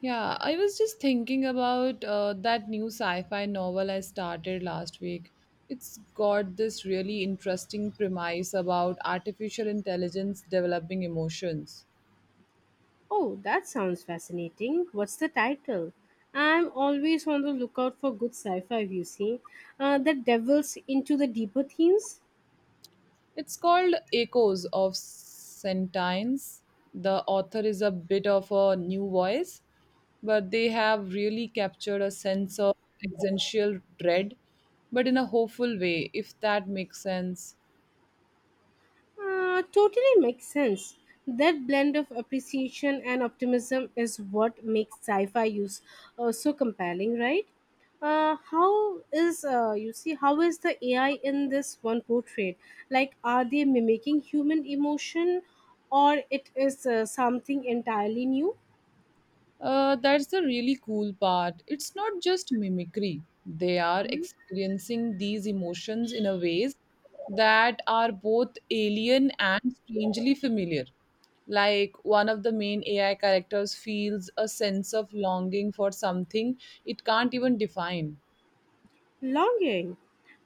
Yeah, I was just thinking about that new sci fi novel I started last week. It's got this really interesting premise about artificial intelligence developing emotions. Oh, that sounds fascinating. What's the title? I'm always on the lookout for good sci fi, you see, that delves into the deeper themes. It's called Echoes of Sentience. The author is a bit of a new voice, but they have really captured a sense of existential dread, but in a hopeful way, if that makes sense. Totally makes sense. That blend of appreciation and optimism is what makes sci fi use so compelling, right? How is the AI in this one portrayed? Like, are they mimicking human emotion, or it is something entirely new? That's the really cool part. It's not just mimicry. They are experiencing these emotions in a ways that are both alien and strangely familiar. Like one of the main AI characters feels a sense of longing for something it can't even define. Longing.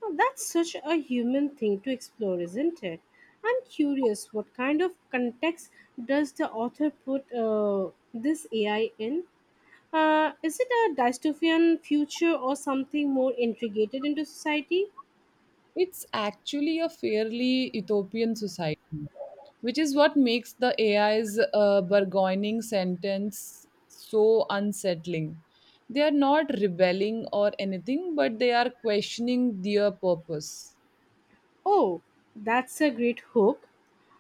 Now, that's such a human thing to explore, isn't it? I'm curious what kind of context does the author put this AI in? Is it a dystopian future or something more integrated into society? It's actually a fairly utopian society, which is what makes the AI's bargaining sentence so unsettling. They are not rebelling or anything, but they are questioning their purpose. Oh, that's a great hook.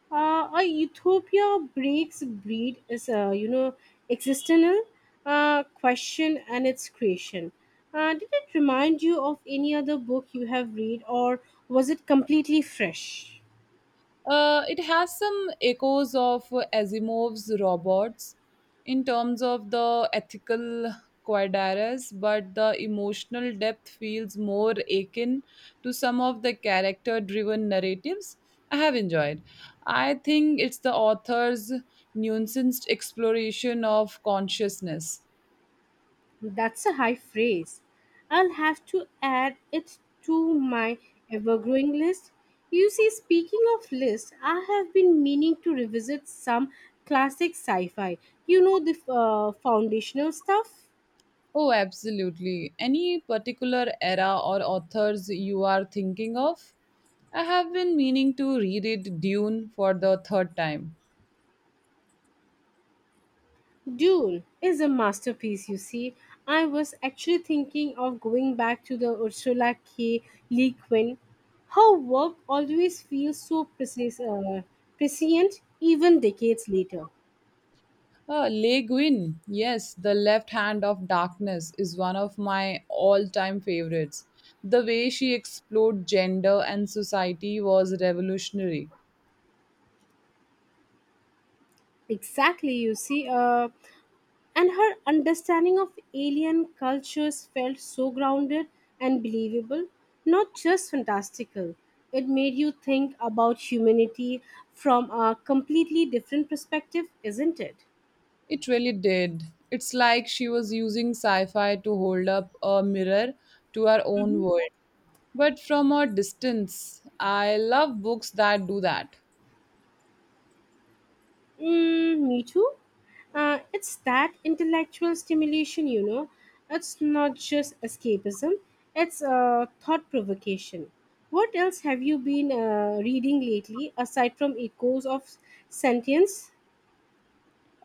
A utopia breaks breed is a existential question and its creation. Did it remind you of any other book you have read, or was it completely fresh? It has some echoes of Asimov's robots in terms of the ethical quadrilles, but the emotional depth feels more akin to some of the character driven narratives I have enjoyed. I think it's the author's nuanced exploration of consciousness. That's a high phrase. I'll have to add it to my ever-growing list, you see. Speaking of list, I have been meaning to revisit some classic sci-fi, the foundational stuff. Oh, absolutely. Any particular era or authors you are thinking of? I have been meaning to reread Dune for the third time. Dune is a masterpiece, you see. I was actually thinking of going back to the Ursula K. Le Guin. Her work always feels so precise, prescient, even decades later. Le Guin, yes, The Left Hand of Darkness is one of my all time favorites. The way she explored gender and society was revolutionary. Exactly, you see. And her understanding of alien cultures felt so grounded and believable, not just fantastical. It made you think about humanity from a completely different perspective, isn't it? It really did. It's like she was using sci fi to hold up a mirror to our own world, but from a distance. I love books that do that. Mm, me too. It's that intellectual stimulation. It's not just escapism, it's thought provocation. What else have you been reading lately aside from Echoes of Sentience?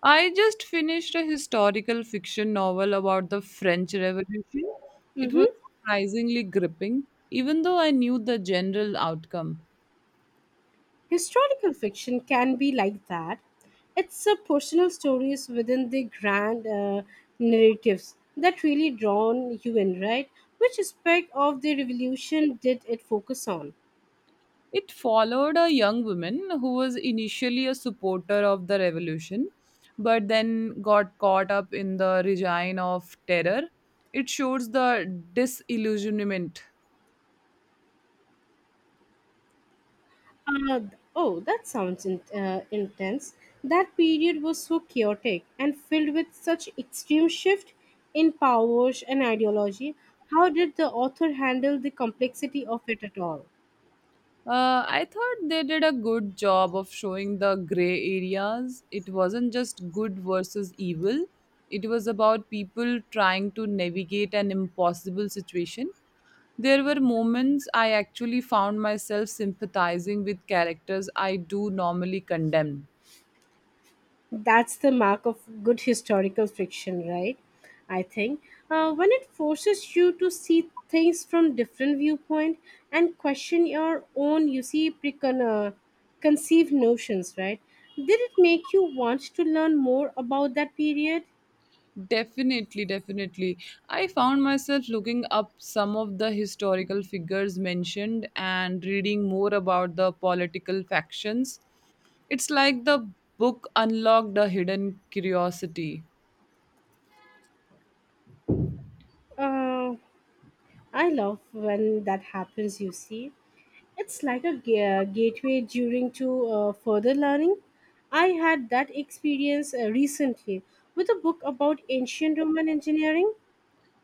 I just finished a historical fiction novel about the French Revolution. It was Mm-hmm. surprisingly gripping, even though I knew the general outcome. Historical fiction can be like that. It's personal stories within the grand narratives that really drawn you in, right? Which aspect of the revolution did it focus on? It followed a young woman who was initially a supporter of the revolution, but then got caught up in the regime of terror. It shows the disillusionment. Uh, oh, that sounds intense. That period was so chaotic and filled with such extreme shift in powers and ideology. How did the author handle the complexity of it at all? I thought they did a good job of showing the gray areas. It wasn't just good versus evil, it was about people trying to navigate an impossible situation. There were moments I actually found myself sympathizing with characters I do normally condemn. That's the mark of good historical fiction, right? I think when it forces you to see things from different viewpoint and question your own, you see, conceived notions, right? Did it make you want to learn more about that period? Definitely. I found myself looking up some of the historical figures mentioned and reading more about the political factions. It's like the book unlocked a hidden curiosity. uh, I love when that happens, you see. It's like a gateway during to further learning. I had that experience recently with a book about ancient Roman engineering.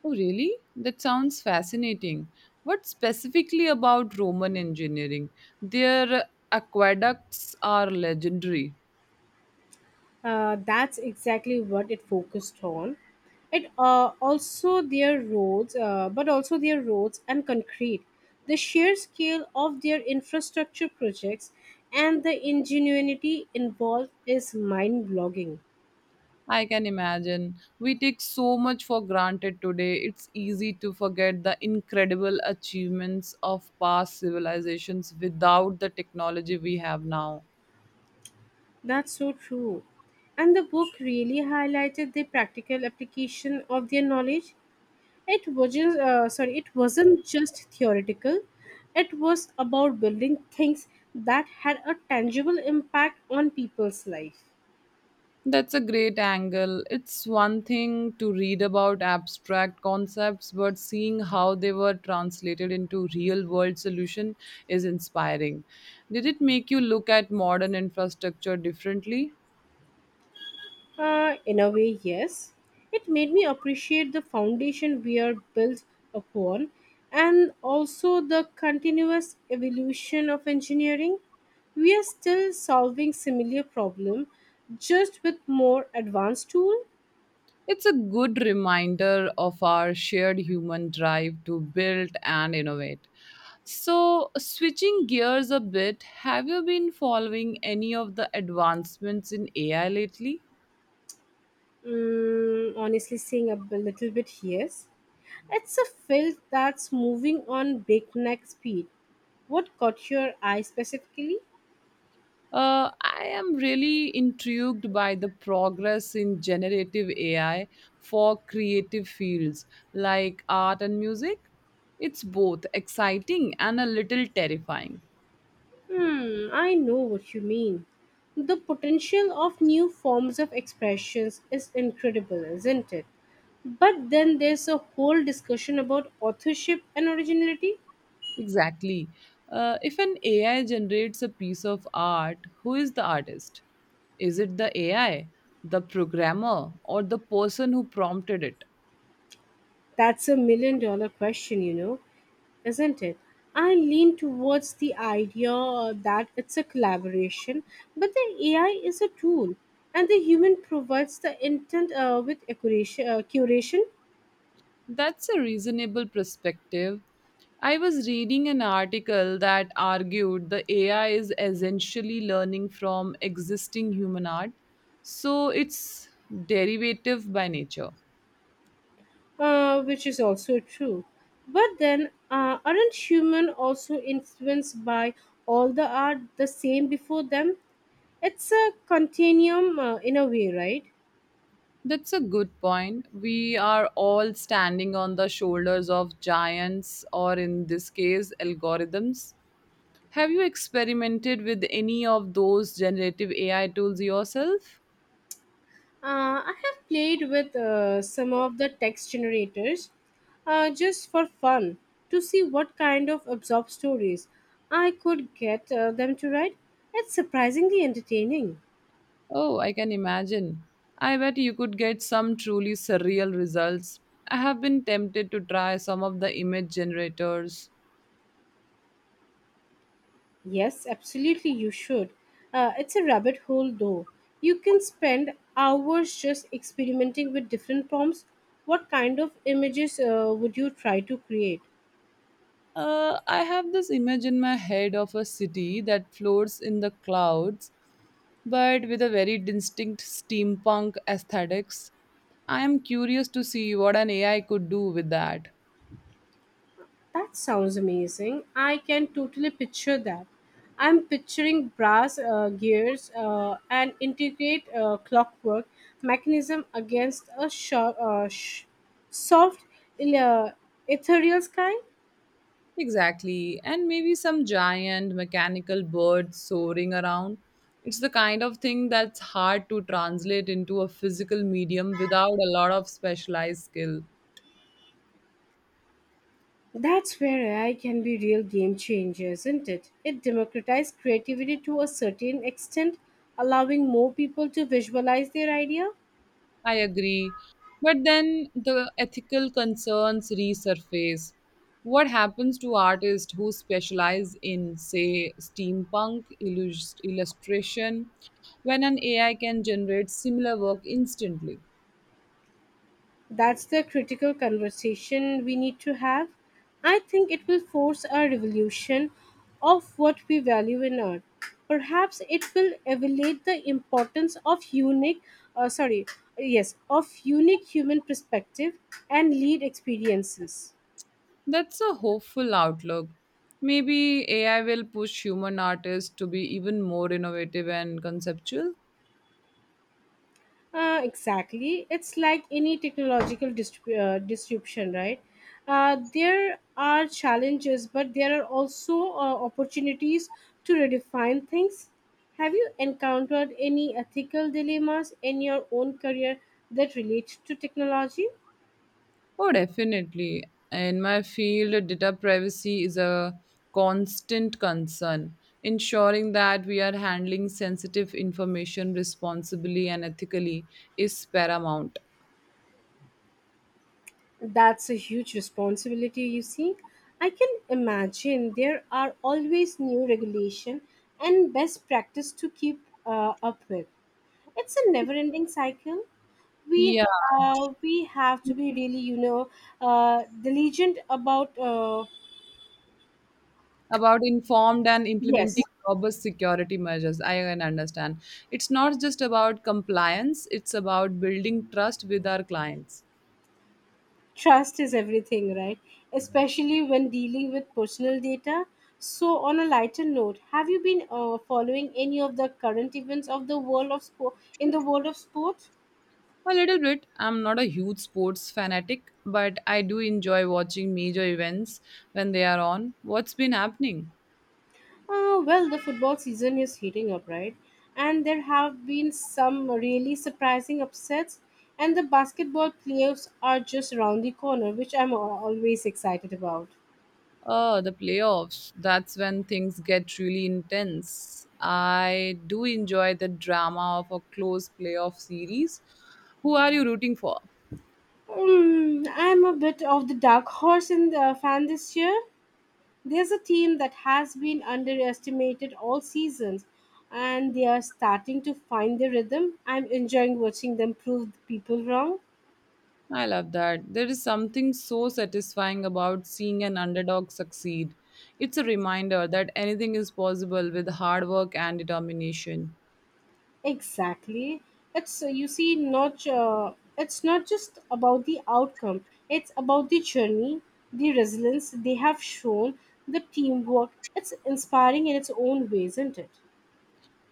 Oh, really? That sounds fascinating. What specifically about Roman engineering? Their aqueducts are legendary. That's exactly what it focused on. It also their roads, but also their roads and concrete. The sheer scale of their infrastructure projects and the ingenuity involved is mind-blogging. I can imagine. We take so much for granted today. It's easy to forget the incredible achievements of past civilizations without the technology we have now. That's so true. And the book really highlighted the practical application of their knowledge. It wasn't just theoretical. It was about building things that had a tangible impact on people's life. That's a great angle. It's one thing to read about abstract concepts, but seeing how they were translated into real world solution is inspiring. Did it make you look at modern infrastructure differently? In a way, yes. It made me appreciate the foundation we are built upon and also the continuous evolution of engineering. We are still solving similar problem just with more advanced tool. It's a good reminder of our shared human drive to build and innovate. So, switching gears a bit, have you been following any of the advancements in AI lately? Mm, honestly, saying a little bit, yes. It's a field that's moving on breakneck speed. What caught your eye specifically? I am really intrigued by the progress in generative AI for creative fields like art and music. It's both exciting and a little terrifying. Hmm, I know what you mean. The potential of new forms of expressions is incredible, isn't it? But then there's a whole discussion about authorship and originality. Exactly. If an AI generates a piece of art, who is the artist? Is it the AI, the programmer, or the person who prompted it? That's a million dollar question, isn't it? I lean towards the idea that it's a collaboration, but the AI is a tool and the human provides the intent with curation. That's a reasonable perspective. I was reading an article that argued the AI is essentially learning from existing human art, so it's derivative by nature. Which is also true. But then, aren't human also influenced by all the art the same before them? It's a continuum in a way, right? That's a good point. We are all standing on the shoulders of giants, or in this case, algorithms. Have you experimented with any of those generative AI tools yourself? I have played with some of the text generators just for fun to see what kind of absorbed stories I could get them to write. It's surprisingly entertaining. Oh, I can imagine. I bet you could get some truly surreal results. I have been tempted to try some of the image generators. Yes, absolutely, you should. It's a rabbit hole, though. You can spend hours just experimenting with different prompts. What kind of images would you try to create? I have this image in my head of a city that floats in the clouds but with a very distinct steampunk aesthetics. I am curious to see what an AI could do with that. That sounds amazing. I can totally picture that. I'm picturing brass gears and integrate clockwork mechanism against a soft, uh, ethereal sky. Exactly, and maybe some giant mechanical bird soaring around. It's the kind of thing that's hard to translate into a physical medium without a lot of specialized skill. That's where AI can be real game changer, isn't it? It democratized creativity to a certain extent, allowing more people to visualize their idea. I agree. But then the ethical concerns resurface. What happens to artists who specialize in, say, steampunk illustration when an AI can generate similar work instantly? That's the critical conversation we need to have. I think it will force a revolution of what we value in art. Perhaps it will elevate the importance of uh, sorry, unique human perspective and lead experiences. That's a hopeful outlook. Maybe AI will push human artists to be even more innovative and conceptual. Exactly. It's like any technological disruption, right? There are challenges, but there are also opportunities to redefine things. Have you encountered any ethical dilemmas in your own career that relate to technology? Oh, definitely. In my field, data privacy is a constant concern. Ensuring that we are handling sensitive information responsibly and ethically is paramount. That's a huge responsibility, you see. I can imagine there are always new regulation and best practice to keep up with. It's a never-ending cycle. we Yeah, we have to be really diligent about about informed and implementing yes. robust security measures. I can understand. It's not just about compliance, it's about building trust with our clients. Trust is everything, right? Especially when dealing with personal data. So, on a lighter note, have you been following any of the current events of the world of sports? A little bit. I'm not a huge sports fanatic, but I do enjoy watching major events when they are on. What's been happening? Well, the football season is heating up, right? And there have been some really surprising upsets, and the basketball playoffs are just around the corner, which I'm always excited about. Oh, the playoffs. That's when things get really intense. I do enjoy the drama of a close playoff series. Who are you rooting for? I'm a bit of the dark horse in the fan this year. There's a team that has been underestimated all seasons, and they are starting to find their rhythm. I'm enjoying watching them prove people wrong. I love that. There is something so satisfying about seeing an underdog succeed. It's a reminder that anything is possible with hard work and determination. Exactly. It's not just about the outcome. It's about the journey, the resilience they have shown, the teamwork. It's inspiring in its own way, isn't it?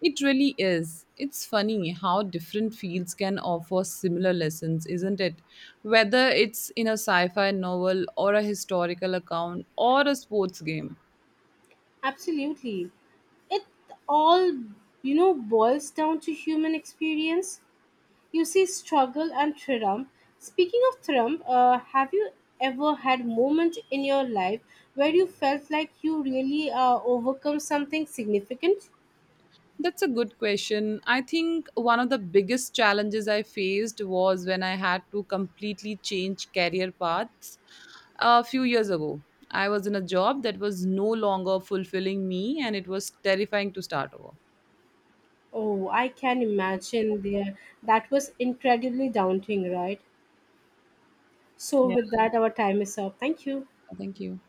It really is. It's funny how different fields can offer similar lessons, isn't it? Whether it's in a sci fi novel or a historical account or a sports game. Absolutely. It all boils down to human experience. You see, struggle and triumph. Speaking of triumph, have you ever had moment in your life where you felt like you really overcome something significant? That's a good question. I think one of the biggest challenges I faced was when I had to completely change career paths a few years ago. I was in a job that was no longer fulfilling me and it was terrifying to start over. Oh, I can imagine there. That was incredibly daunting, right? So, Yeah, with that, our time is up. Thank you. thank you.